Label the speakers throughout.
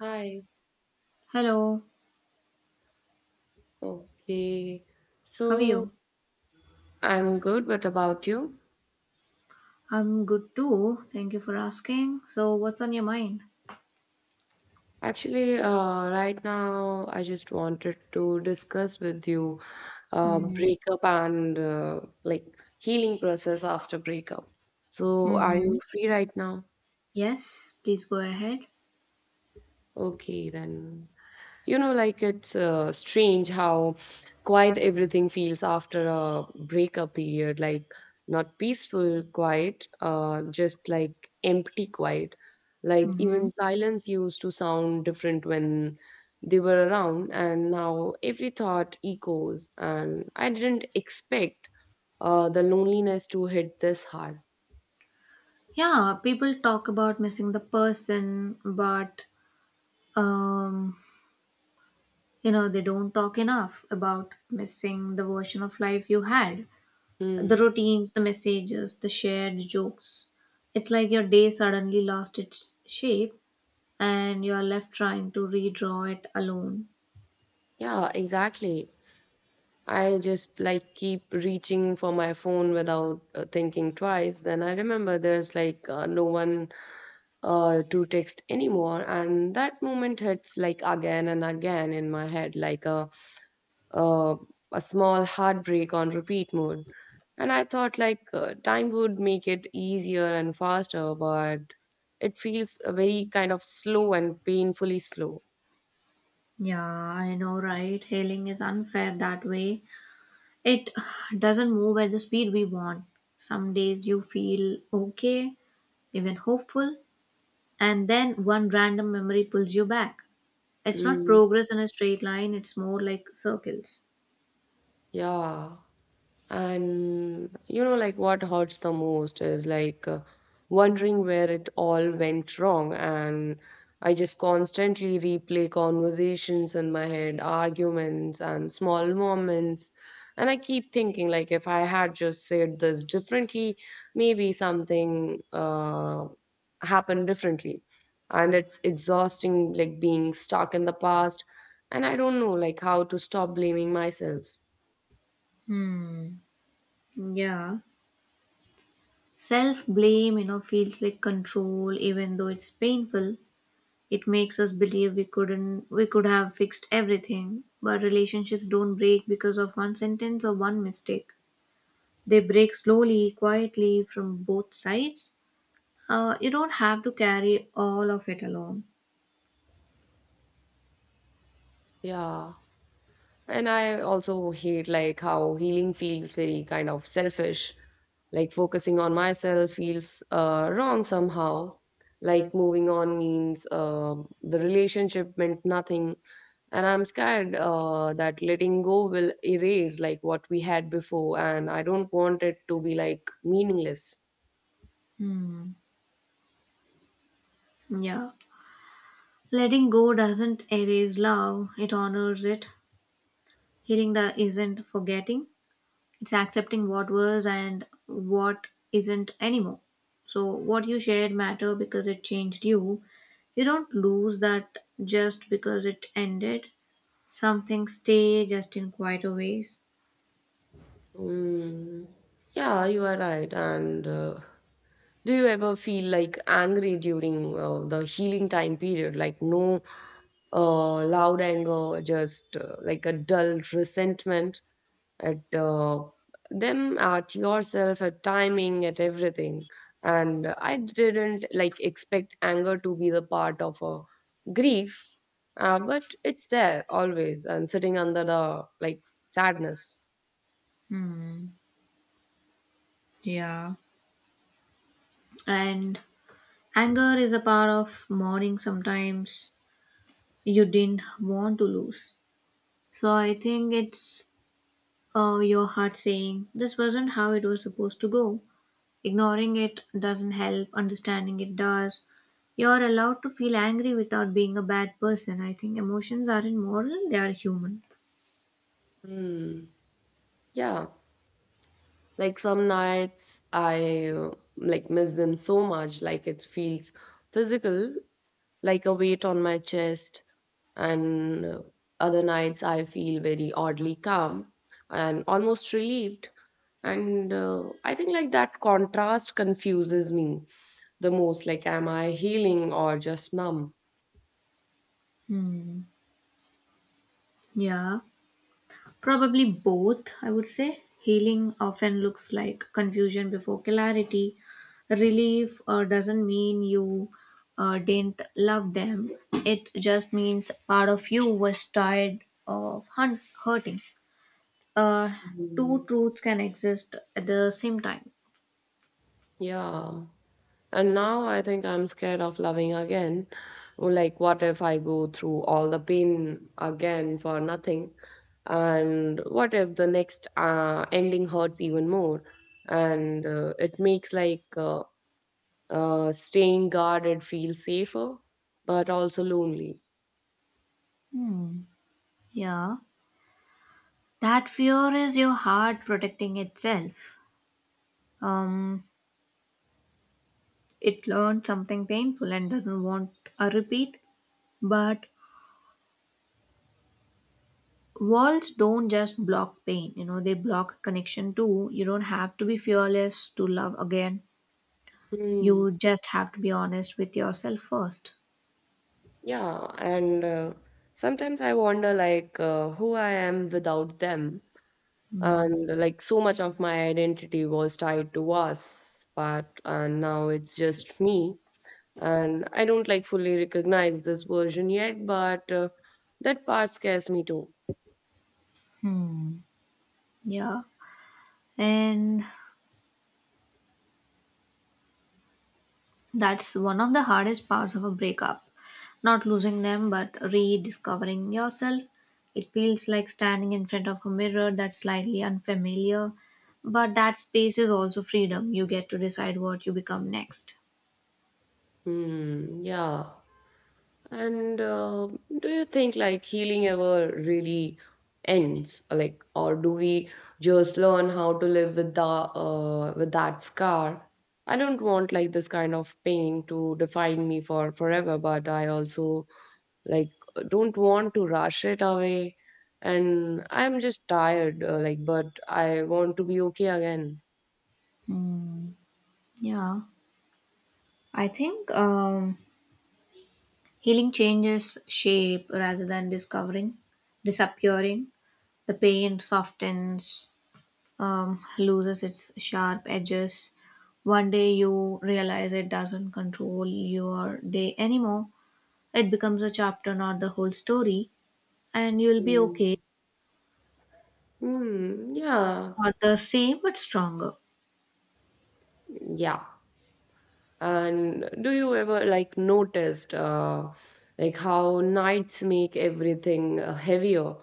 Speaker 1: Hi.
Speaker 2: Hello,
Speaker 1: Okay.
Speaker 2: how are
Speaker 1: So
Speaker 2: you?
Speaker 1: I'm good. What about you?
Speaker 2: I'm good too. Thank you for asking. So, what's on your mind?
Speaker 1: Actually, right now, I just wanted to discuss with you
Speaker 2: Mm.
Speaker 1: breakup and like healing process after breakup. So are
Speaker 2: Mm-hmm.
Speaker 1: you free right now?
Speaker 2: Yes, please go ahead.
Speaker 1: Okay, then. Like it's strange how quiet everything feels after a breakup period. Like, not peaceful quiet, just like empty quiet. Like,
Speaker 2: Mm-hmm.
Speaker 1: even silence used to sound different when they were around, and now every thought echoes. And I didn't expect the loneliness to hit this hard.
Speaker 2: Yeah, people talk about missing the person, but um, you know, they don't talk enough about missing the version of life you had, the
Speaker 1: Hmm.
Speaker 2: routines, the messages, the shared jokes. It's like your day suddenly lost its shape and you're left trying to redraw it alone.
Speaker 1: Yeah, exactly. I just like keep reaching for my phone without thinking twice. Then I remember there's like no one to text anymore, and that moment hits like again and again in my head, like a, a small heartbreak on repeat mode. And I thought like time would make it easier and faster, but it feels very kind of slow and painfully slow.
Speaker 2: Yeah, I know, right? Hailing is unfair that way. It doesn't move at the speed we want. Some days you feel okay, even hopeful, and then one random memory pulls you back. It's not
Speaker 1: Mm,
Speaker 2: progress in a straight line, it's more like circles.
Speaker 1: yeah. And like what hurts the most is like wondering where it all went wrong. And I just constantly replay conversations in my head, arguments, and small moments. And I keep thinking, like, if I had just said this differently, maybe something happened differently. And it's exhausting, like being stuck in the past. And I don't know, like, how to stop blaming myself.
Speaker 2: Hmm. Yeah. Self blame, you know, feels like control, even though it's painful. It makes us believe we couldn't, we could have fixed everything. But relationships don't break because of one sentence or one mistake. They break slowly, quietly from both sides. You don't have to carry all of it alone.
Speaker 1: Yeah. And I also hate like how healing feels very kind of selfish. Like focusing on myself feels wrong somehow. Like moving on means the relationship meant nothing. And I'm scared that letting go will erase like what we had before. And I don't want it to be like meaningless.
Speaker 2: Hmm. Yeah. Letting go doesn't erase love, it honors it. Healing the isn't forgetting, it's accepting what was and what isn't anymore. So, what you shared matter because it changed you. You don't lose that just because it ended. Some things stay just in quieter ways.
Speaker 1: Mm, yeah, you are right. And do you ever feel like angry during the healing time period? Like no loud anger, just like a dull resentment at them, at yourself, at timing, at everything. And I didn't like expect anger to be the part of a grief, but it's there always and sitting under the like sadness.
Speaker 2: Hmm. Yeah. And Anger is a part of mourning sometimes you didn't want to lose. So I think it's your heart saying, "This wasn't how it was supposed to go." Ignoring it doesn't help, understanding it does. You're allowed to feel angry without being a bad person. I think emotions aren't moral, they are human.
Speaker 1: Hmm. Yeah. Like some nights I like miss them so much, like it feels physical, like a weight on my chest. And other nights I feel very oddly calm and almost relieved. And I think like that contrast confuses me the most. Like, am I healing or just numb?
Speaker 2: Hmm. Yeah. Probably both, I would say. Healing often looks like confusion before clarity. Relief doesn't mean you didn't love them, it just means part of you was tired of hurting. Uh, two
Speaker 1: Mhm.
Speaker 2: truths can exist at the same time.
Speaker 1: Yeah. And now I think I'm scared of loving again. Like, what if I go through all the pain again for nothing? And what if the next ending hurts even more? And it makes like staying guarded feel safer, but also lonely.
Speaker 2: Hmm. Yeah. That fear is your heart protecting itself. Um, it learned something painful and doesn't want a repeat, but walls don't just block pain, you know, they block connection too. You don't have to be fearless to love again,
Speaker 1: Hmm.
Speaker 2: you just have to be honest with yourself first.
Speaker 1: Yeah, and sometimes I wonder like who I am without them. And like so much of my identity was tied to was part, and now it's just me. And I don't like fully recognize this version yet, but that part scares me too.
Speaker 2: Yeah, and that's one of the hardest parts of a breakup, not losing them but rediscovering yourself. It feels like standing in front of a mirror that's slightly unfamiliar, but that space is also freedom. You get to decide what you become next.
Speaker 1: Hmm, yeah. And do you think like healing ever really ends, like, or do we just learn how to live with that scar? I don't want like this kind of pain to define me for forever, but I also like don't want to rush it away. And I'm just tired, like, but I want to be okay again.
Speaker 2: Hmm. Yeah, I think healing changes shape rather than disappearing. The pain softens, loses its sharp edges. One day you realize it doesn't control your day anymore. It becomes a chapter, not the whole story, and you'll be okay.
Speaker 1: Mm. Hmm, yeah,
Speaker 2: Not the same, but stronger.
Speaker 1: yeah. And do you ever like noticed like how nights make everything heavier?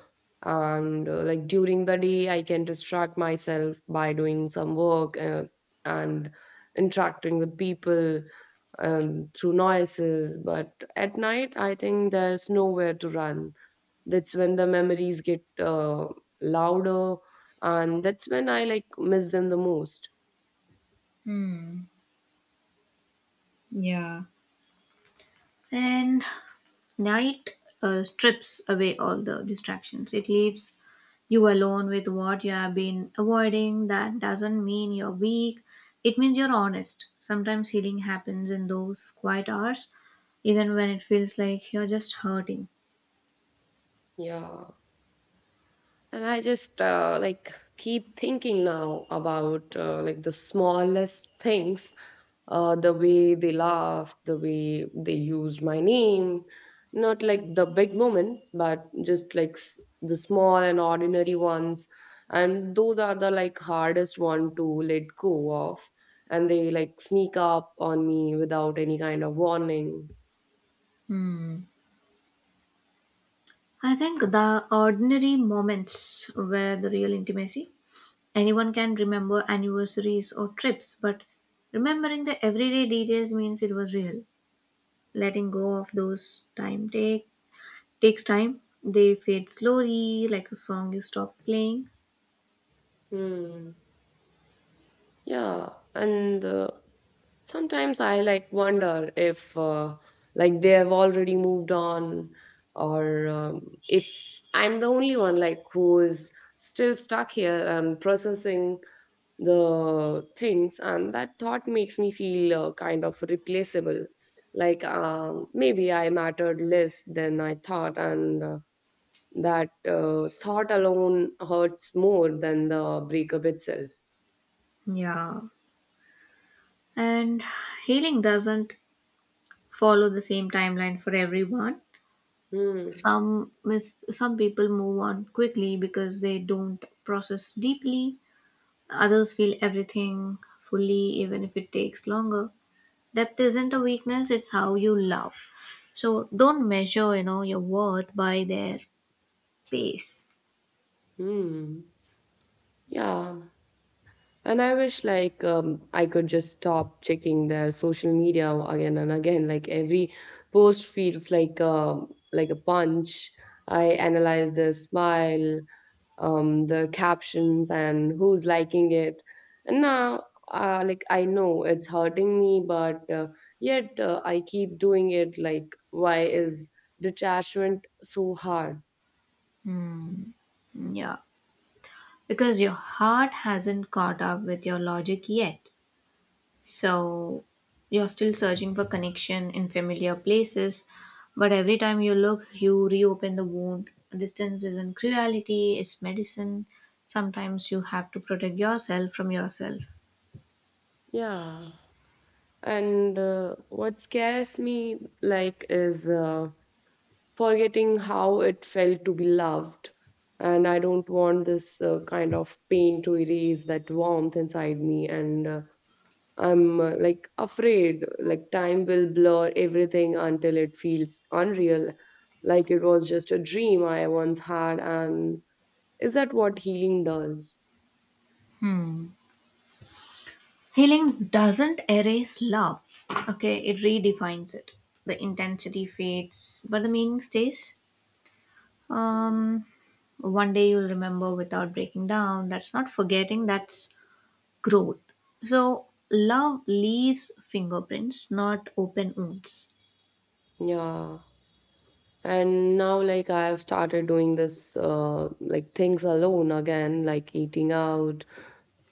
Speaker 1: And like during the day, I can distract myself by doing some work and interacting with people, through noises. But at night, I think there's nowhere to run. That's when the memories get louder, and that's when I like miss them the most.
Speaker 2: Hmm. Yeah. And Night strips away all the distractions. It leaves you alone with what you have been avoiding. That doesn't mean you're weak, it means you're honest. Sometimes healing happens in those quiet hours, even when it feels like you're just hurting.
Speaker 1: Yeah. And I just like keep thinking now about like the smallest things, the way they laughed, the way they used my name, not like the big moments, but just like the small and ordinary ones. And those are the like hardest one to let go of, and they like sneak up on me without any kind of warning.
Speaker 2: Hmm. I think the ordinary moments were the real intimacy. Anyone can remember anniversaries or trips, but remembering the everyday details means it was real. Letting go of those time take takes time. They fade slowly, like a song you stop playing.
Speaker 1: Hmm. Yeah, and sometimes I like wonder if like they have already moved on, or if I'm the only one like who is still stuck here and processing the things. And that thought makes me feel kind of replaceable, like maybe I mattered less than I thought, and that thought alone hurts more than the breakup itself.
Speaker 2: Yeah. And healing doesn't follow the same timeline for everyone.
Speaker 1: Hmm.
Speaker 2: Some people move on quickly because they don't process deeply. Others feel everything fully, even if it takes longer. Depth isn't a weakness; it's how you love. So don't measure, you know, your worth by their pace.
Speaker 1: Hmm. Yeah. And I wish like I could just stop checking their social media again and again. Like every post feels like a punch. I analyze the smile, the captions, and who's liking it. And now, like I know it's hurting me, but yet I keep doing it. Like why is detachment so hard?
Speaker 2: Hmm. Yeah, because your heart hasn't caught up with your logic yet. So you're still searching for connection in familiar places, but every time you look, you reopen the wound. Distance isn't cruelty, it's medicine. Sometimes you have to protect yourself from yourself.
Speaker 1: Yeah. And what scares me like is forgetting how it felt to be loved. And I don't want this kind of pain to erase that warmth inside me. And I'm like afraid, like time will blur everything until it feels unreal, like it was just a dream I once had. And is that what healing does?
Speaker 2: Hmm. Healing doesn't erase love, okay, it redefines it. The intensity fades, but the meaning stays. Um, one day you'll remember without breaking down. That's not forgetting, that's growth. So, love leaves fingerprints, not open wounds.
Speaker 1: Yeah. And now, like, I have started doing this, like, things alone again, like eating out,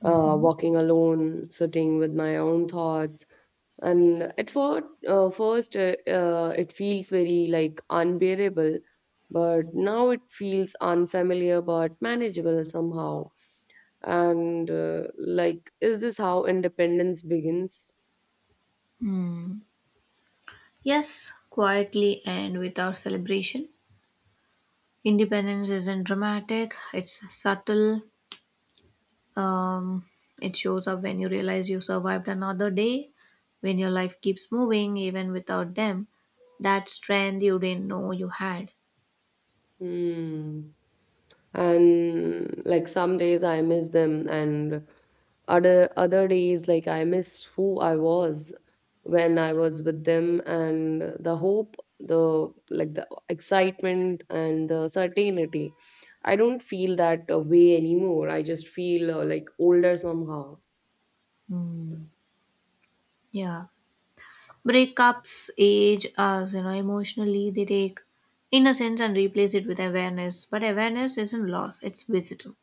Speaker 1: walking alone, sitting with my own thoughts. And at first, it feels very like unbearable, but now it feels unfamiliar but manageable somehow. And like, is this how independence begins?
Speaker 2: Hmm. Yes, quietly and without celebration. Independence isn't dramatic, it's subtle. Um, it shows up when you realize you survived another day, when your life keeps moving even without them. That strength you didn't know you had.
Speaker 1: Hmm. And like some days I miss them, and other days like I miss who I was when I was with them, and the hope, the excitement and the certainty. I don't feel that way anymore. I just feel like older somehow.
Speaker 2: Hmm. Yeah. Breakups age us, you know, emotionally. They take innocence and replace it with awareness, but awareness isn't loss, it's wisdom.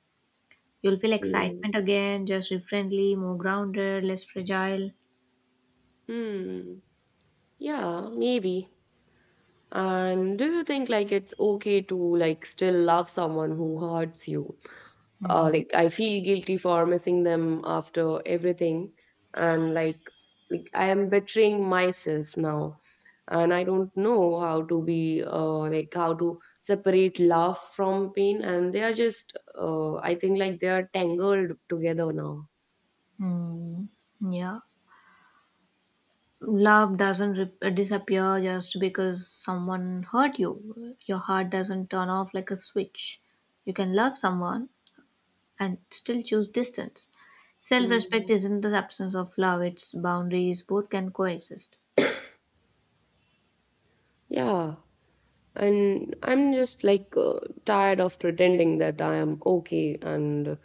Speaker 2: You'll feel
Speaker 1: Mm.
Speaker 2: excitement again, just differently, more grounded, less fragile.
Speaker 1: Hmm. Yeah, maybe. And do you think like it's okay to like still love someone who hurts you?
Speaker 2: Hmm.
Speaker 1: Like I feel guilty for missing them after everything, and like I am betraying myself now, and I don't know how to be like how to separate love from pain, and they are just I think like they are tangled together now.
Speaker 2: Hmm. Yeah, love doesn't disappear just because someone hurt you. Your heart doesn't turn off like a switch. You can love someone and still choose distance. Self-respect
Speaker 1: Mm.
Speaker 2: isn't the absence of love, it's boundaries. Both can coexist.
Speaker 1: Yeah, and I'm just like tired of pretending that I am okay and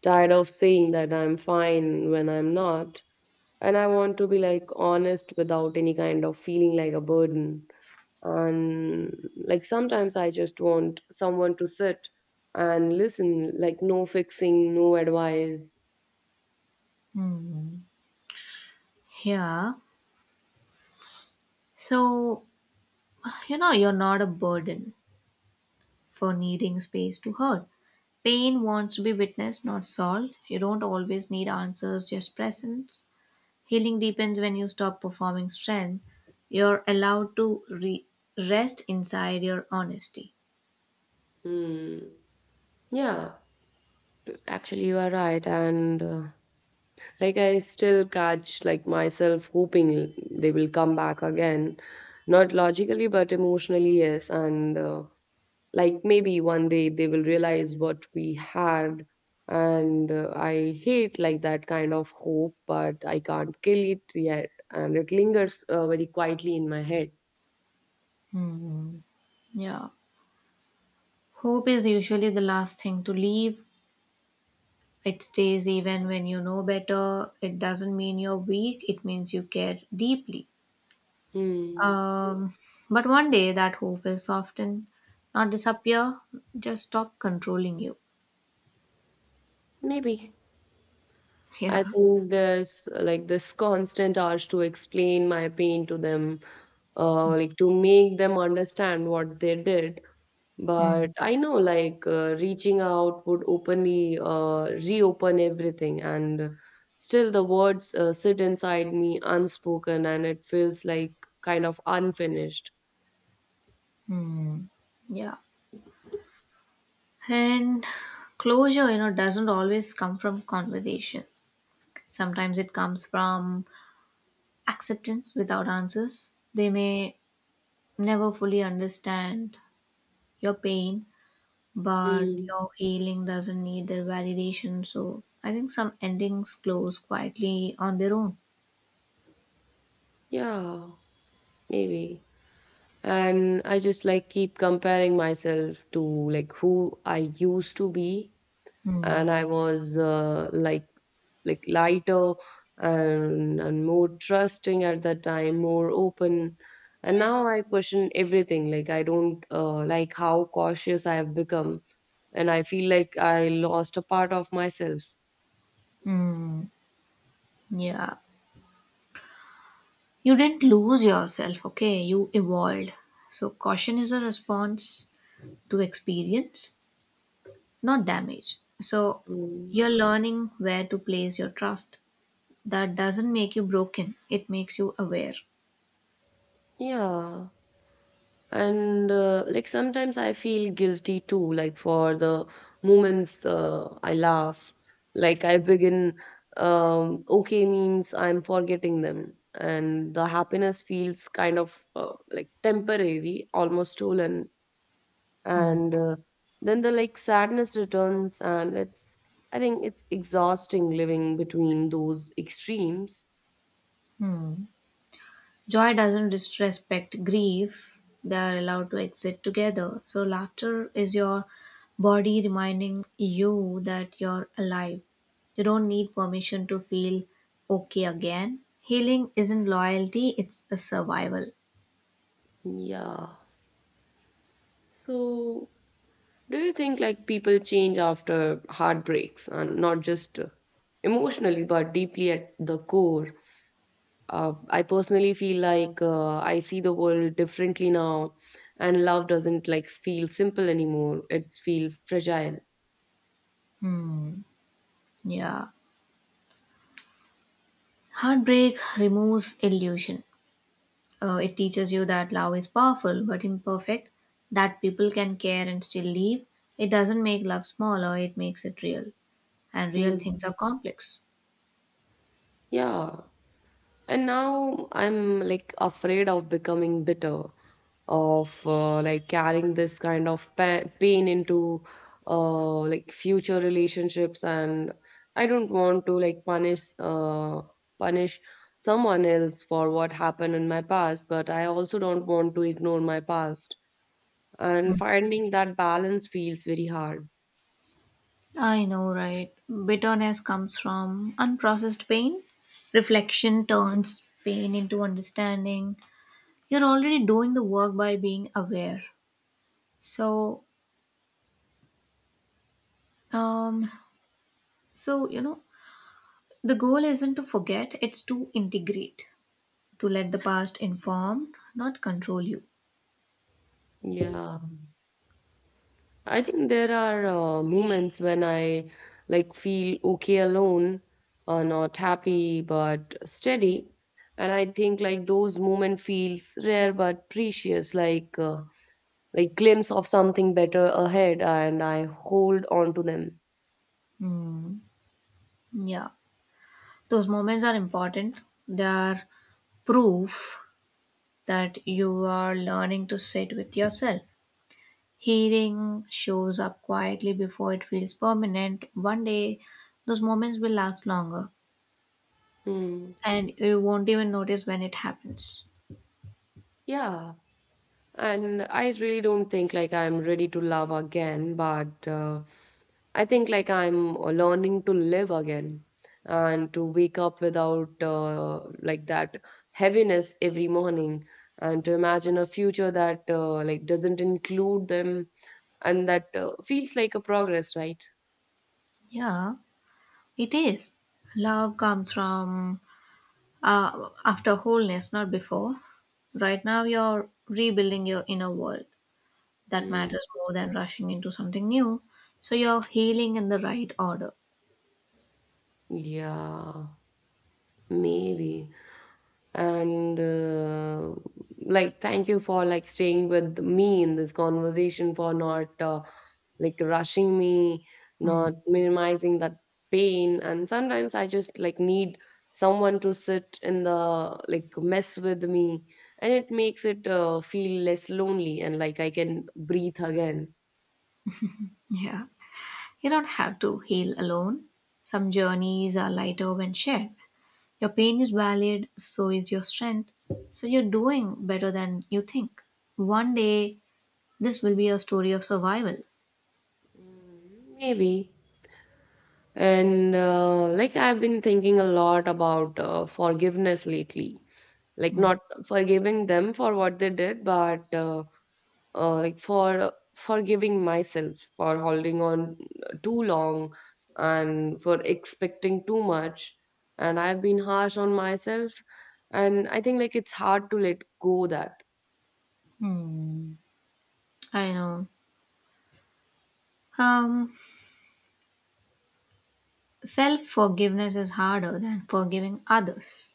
Speaker 1: tired of saying that I'm fine when I'm not. And I want to be like honest without any kind of feeling like a burden. And like sometimes I just want someone to sit and listen, like no fixing, no advice.
Speaker 2: Hmm. Yeah. So, you know, you're not a burden for needing space to hurt. Pain wants to be witnessed, not solved. You don't always need answers, just presence. Healing deepens when you stop performing strength. You're allowed to rest inside your honesty.
Speaker 1: Hmm. Yeah, actually you are right, and like I still catch like myself hoping they will come back again, not logically but emotionally, yes, and. Like maybe one day they will realize what we had, and I hate like that kind of hope, but I can't kill it yet, and it lingers very quietly in my head.
Speaker 2: Hmm. Yeah. Hope is usually the last thing to leave. It stays even when you know better. It doesn't mean you're weak, it means you care deeply.
Speaker 1: Hmm,
Speaker 2: Um, but one day that hope is often not disappear, just stop controlling you.
Speaker 1: maybe.
Speaker 2: Yeah.
Speaker 1: I think there's like this constant urge to explain my pain to them, like to make them understand what they did. But I know like reaching out would openly reopen everything, and still the words sit inside me unspoken, and it feels like kind of unfinished.
Speaker 2: hmm Yeah. And closure, you know, doesn't always come from conversation. Sometimes it comes from acceptance without answers. They may never fully understand your pain, but
Speaker 1: Mm,
Speaker 2: your healing doesn't need their validation. So I think some endings close quietly on their own.
Speaker 1: yeah, maybe. And I just like keep comparing myself to like who I used to be.
Speaker 2: Hmm.
Speaker 1: And I was like lighter, and more trusting at that time, more open. And now I question everything. Like I don't like how cautious I have become, and I feel like I lost a part of myself.
Speaker 2: Hmm. Yeah. You didn't lose yourself, okay? You evolved. So, caution is a response to experience, not damage. So,
Speaker 1: Mm.
Speaker 2: you're learning where to place your trust. That doesn't make you broken, it makes you aware.
Speaker 1: Yeah. And like sometimes I feel guilty too, like for the moments I laugh, like I begin, okay, means I'm forgetting them, and the happiness feels kind of like temporary, almost stolen.
Speaker 2: Hmm.
Speaker 1: And then the like sadness returns, and it's, I think it's exhausting living between those extremes.
Speaker 2: Hmm. Joy doesn't disrespect grief, they are allowed to exist together. So, laughter is your body reminding you that you're alive. You don't need permission to feel okay again. Healing isn't loyalty, it's a survival.
Speaker 1: Yeah, so do you think like people change after heartbreaks, and not just emotionally but deeply at the core? I personally feel like I see the world differently now, and love doesn't like feel simple anymore. It feels fragile.
Speaker 2: Hmm. Yeah. Heartbreak removes illusion. It teaches you that love is powerful but imperfect, that people can care and still leave. It doesn't make love smaller, it makes it real. And real things
Speaker 1: Mm.
Speaker 2: are complex.
Speaker 1: Yeah. And now I'm like afraid of becoming bitter, of like carrying this kind of pain into like future relationships. And I don't want to like punish someone else for what happened in my past, but I also don't want to ignore my past. And
Speaker 2: Mm.
Speaker 1: finding that balance feels very hard.
Speaker 2: I know, right? Bitterness comes from unprocessed pain. Reflection turns pain into understanding. You're already doing the work by being aware. So, um, so you know, the goal isn't to forget; it's to integrate, to let the past inform, not control you.
Speaker 1: Yeah, I think there are moments when I like feel okay alone, not happy but steady. And I think like those moments feels rare but precious, like glimpse of something better ahead, and I hold on to them.
Speaker 2: Hmm. Yeah, those moments are important. They are proof that you are learning to sit with yourself. Healing shows up quietly before it feels permanent. One day, those moments will last longer
Speaker 1: Hmm.
Speaker 2: and you won't even notice when it happens.
Speaker 1: Yeah, and I really don't think like I'm ready to love again, but. I think like I'm learning to live again and to wake up without like that heaviness every morning and to imagine a future that like doesn't include them and that feels like a progress, right?
Speaker 2: Yeah, it is. Love comes from after wholeness, not before. Right now, you're rebuilding your inner world. That
Speaker 1: Hmm.
Speaker 2: matters more than rushing into something new. So, you're healing in the right order.
Speaker 1: Yeah, maybe. And like thank you for like staying with me in this conversation for not like rushing me,
Speaker 2: Hmm.
Speaker 1: not minimizing that pain. And sometimes I just like need someone to sit in the like mess with me, and it makes it feel less lonely and like I can breathe again.
Speaker 2: Yeah. You don't have to heal alone. Some journeys are lighter when shared. Your pain is valid, so is your strength. So you're doing better than you think. One day, this will be a story of survival.
Speaker 1: Mm, maybe. And like I've been thinking a lot about forgiveness lately, like
Speaker 2: Hmm.
Speaker 1: not forgiving them for what they did, but like for forgiving myself for holding on too long and for expecting too much. And I've been harsh on myself, and I think like it's hard to let go that.
Speaker 2: I know. Um, Self forgiveness is harder than forgiving others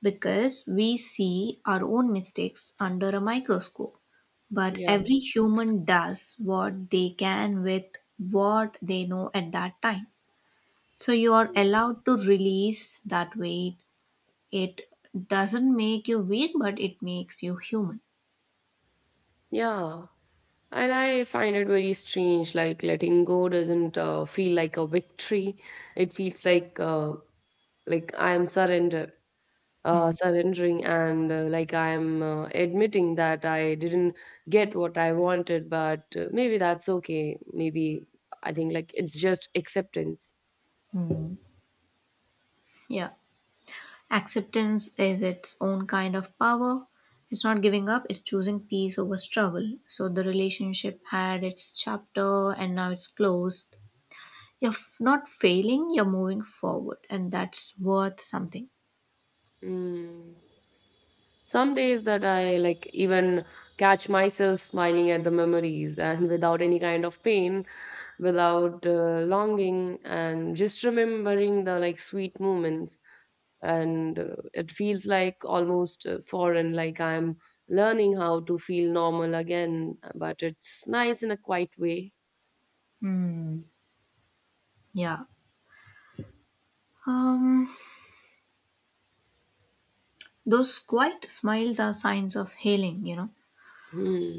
Speaker 2: because we see our own mistakes under a microscope. But
Speaker 1: Yeah,
Speaker 2: every human does what they can with what they know at that time. So you are allowed to release that weight. It doesn't make you weak, but it makes you human.
Speaker 1: yeah. And I find it very strange, like letting go doesn't feel like a victory. It feels like I am surrendered, surrendering. And like I'm admitting that I didn't get what I wanted, but maybe that's okay. Maybe I think like it's just acceptance.
Speaker 2: Mm-hmm. Yeah. Acceptance is its own kind of power. It's not giving up, it's choosing peace over struggle. So the relationship had its chapter and now it's closed. You're not failing, you're moving forward, and that's worth something.
Speaker 1: Mm. Some days that I like even catch myself smiling at the memories and without any kind of pain, without longing, and just remembering the like sweet moments. And it feels like almost foreign, like I'm learning how to feel normal again, but it's nice in a quiet way.
Speaker 2: Mm. Yeah. Um, those quiet smiles are signs of healing, you know.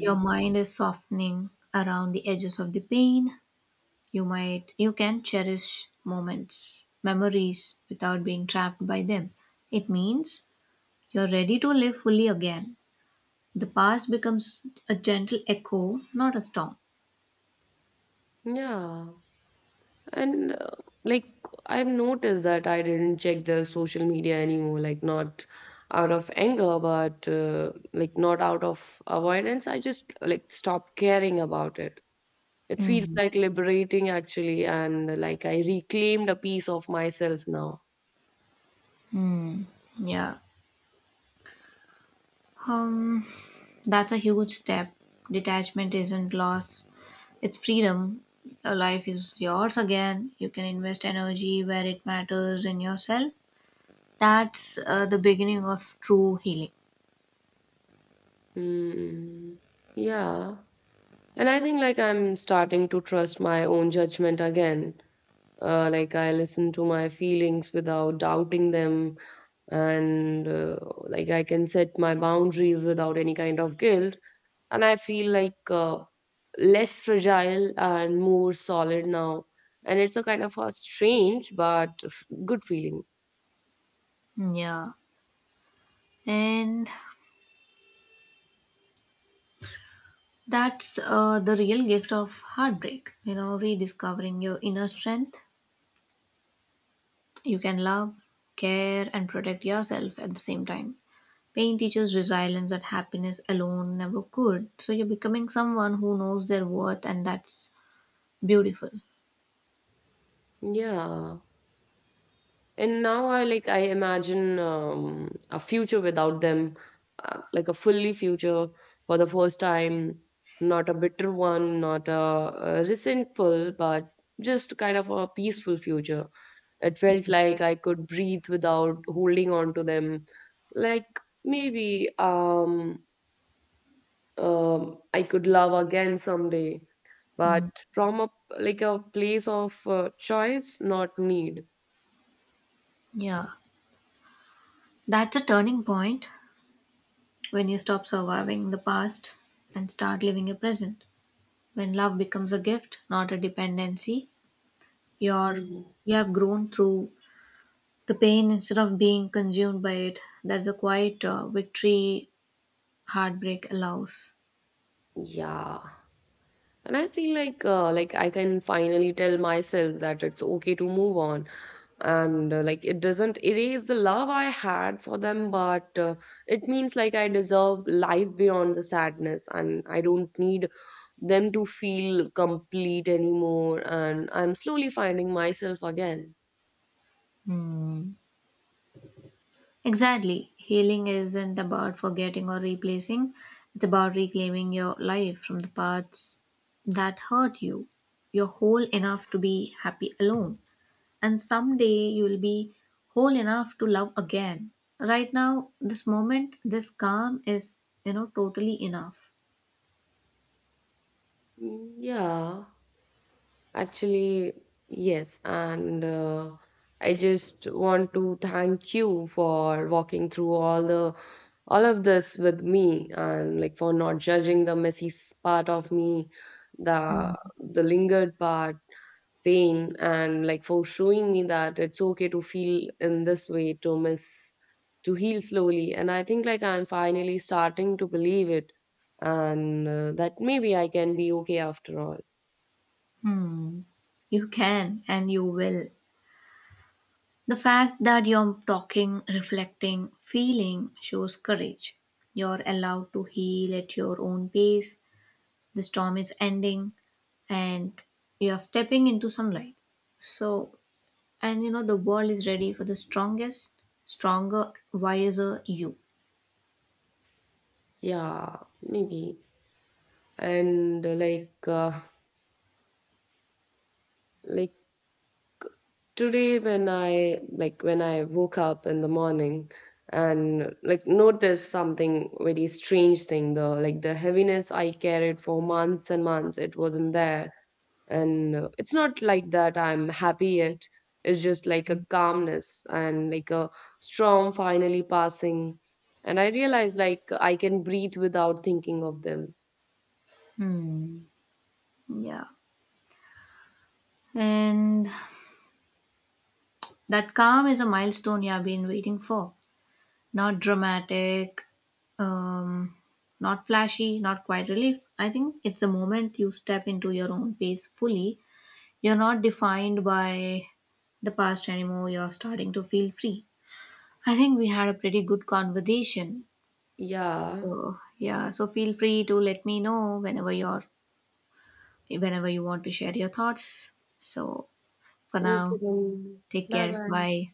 Speaker 2: Your mind is softening around the edges of the pain. You can cherish moments, memories without being trapped by them. It means you're ready to live fully again. The past becomes a gentle echo, not a storm.
Speaker 1: Yeah. And like I've noticed that I didn't check the social media anymore, like not out of anger, but like not out of avoidance. I just like stopped caring about it. It feels
Speaker 2: Hmm.
Speaker 1: like liberating actually, and like I reclaimed a piece of myself now.
Speaker 2: Hmm. Yeah. Um that's a huge step. Detachment isn't loss. It's freedom. Your life is yours again. You can invest energy where it matters, in yourself. That's the beginning of true healing.
Speaker 1: Mm, yeah. And I think like I'm starting to trust my own judgment again. Like I listen to my feelings without doubting them, and like I can set my boundaries without any kind of guilt. And I feel like less fragile and more solid now. And it's a kind of a strange but good feeling.
Speaker 2: Yeah. And That's the real gift of heartbreak, you know, rediscovering your inner strength. You can love, care, and protect yourself at the same time. Pain teaches resilience that happiness alone never could. So you're becoming someone who knows their worth, and that's beautiful.
Speaker 1: Yeah. And now I I imagine a future without them, like a fully future for the first time, not a bitter one, not a, resentful, but just kind of a peaceful future. It felt like I could breathe without holding on to them. Like maybe I could love again someday,
Speaker 2: Mm.
Speaker 1: but from a like a place of choice, not need.
Speaker 2: Yeah, that's a turning point when you stop surviving the past and start living a present. When love becomes a gift, not a dependency, you're
Speaker 1: Mm.
Speaker 2: you have grown through the pain instead of being consumed by it. That's a quiet victory heartbreak allows.
Speaker 1: Yeah. And I feel like I can finally tell myself that it's okay to move on. And like it doesn't erase the love I had for them, but it means like I deserve life beyond the sadness, and I don't need them to feel complete anymore. And I'm slowly finding myself again.
Speaker 2: Hmm. Exactly. Healing isn't about forgetting or replacing, it's about reclaiming your life from the parts that hurt you. You're whole enough to be happy alone, and someday you will be whole enough to love again. Right now, this moment, this calm is, you know, totally enough.
Speaker 1: Mm, yeah. Actually, yes, and I just want to thank you for walking through all of this with me, and like for not judging the messy part of me, the lingered part, pain, and like for showing me that it's okay to feel in this way, to miss, to heal slowly. And I think like I'm finally starting to believe it, and that maybe I can be okay after all.
Speaker 2: Hmm. You can and you will. The fact that you're talking, reflecting, feeling shows courage. You're allowed to heal at your own pace. The storm is ending and you're stepping into sunlight. So, and you know, the world is ready for the stronger, wiser you.
Speaker 1: Yeah, maybe. And like today when I woke up in the morning and like noticed something very strange thing, though like the heaviness I carried for months and months, it wasn't there. And it's not like that I'm happy yet, it's just like a calmness and like a storm finally passing. And I realized like I can breathe without thinking of them.
Speaker 2: Hmm. Yeah. And that calm is a milestone you have been waiting for. Not dramatic, um, not flashy, not quite relief. I think it's a moment you step into your own pace fully. You're not defined by the past anymore. You're starting to feel free. I think we had a pretty good conversation.
Speaker 1: Yeah.
Speaker 2: So yeah, so feel free to let me know whenever you're whenever you want to share your thoughts. So for
Speaker 1: Okay
Speaker 2: now,
Speaker 1: then.
Speaker 2: take
Speaker 1: Bye
Speaker 2: care.
Speaker 1: bye.
Speaker 2: Bye.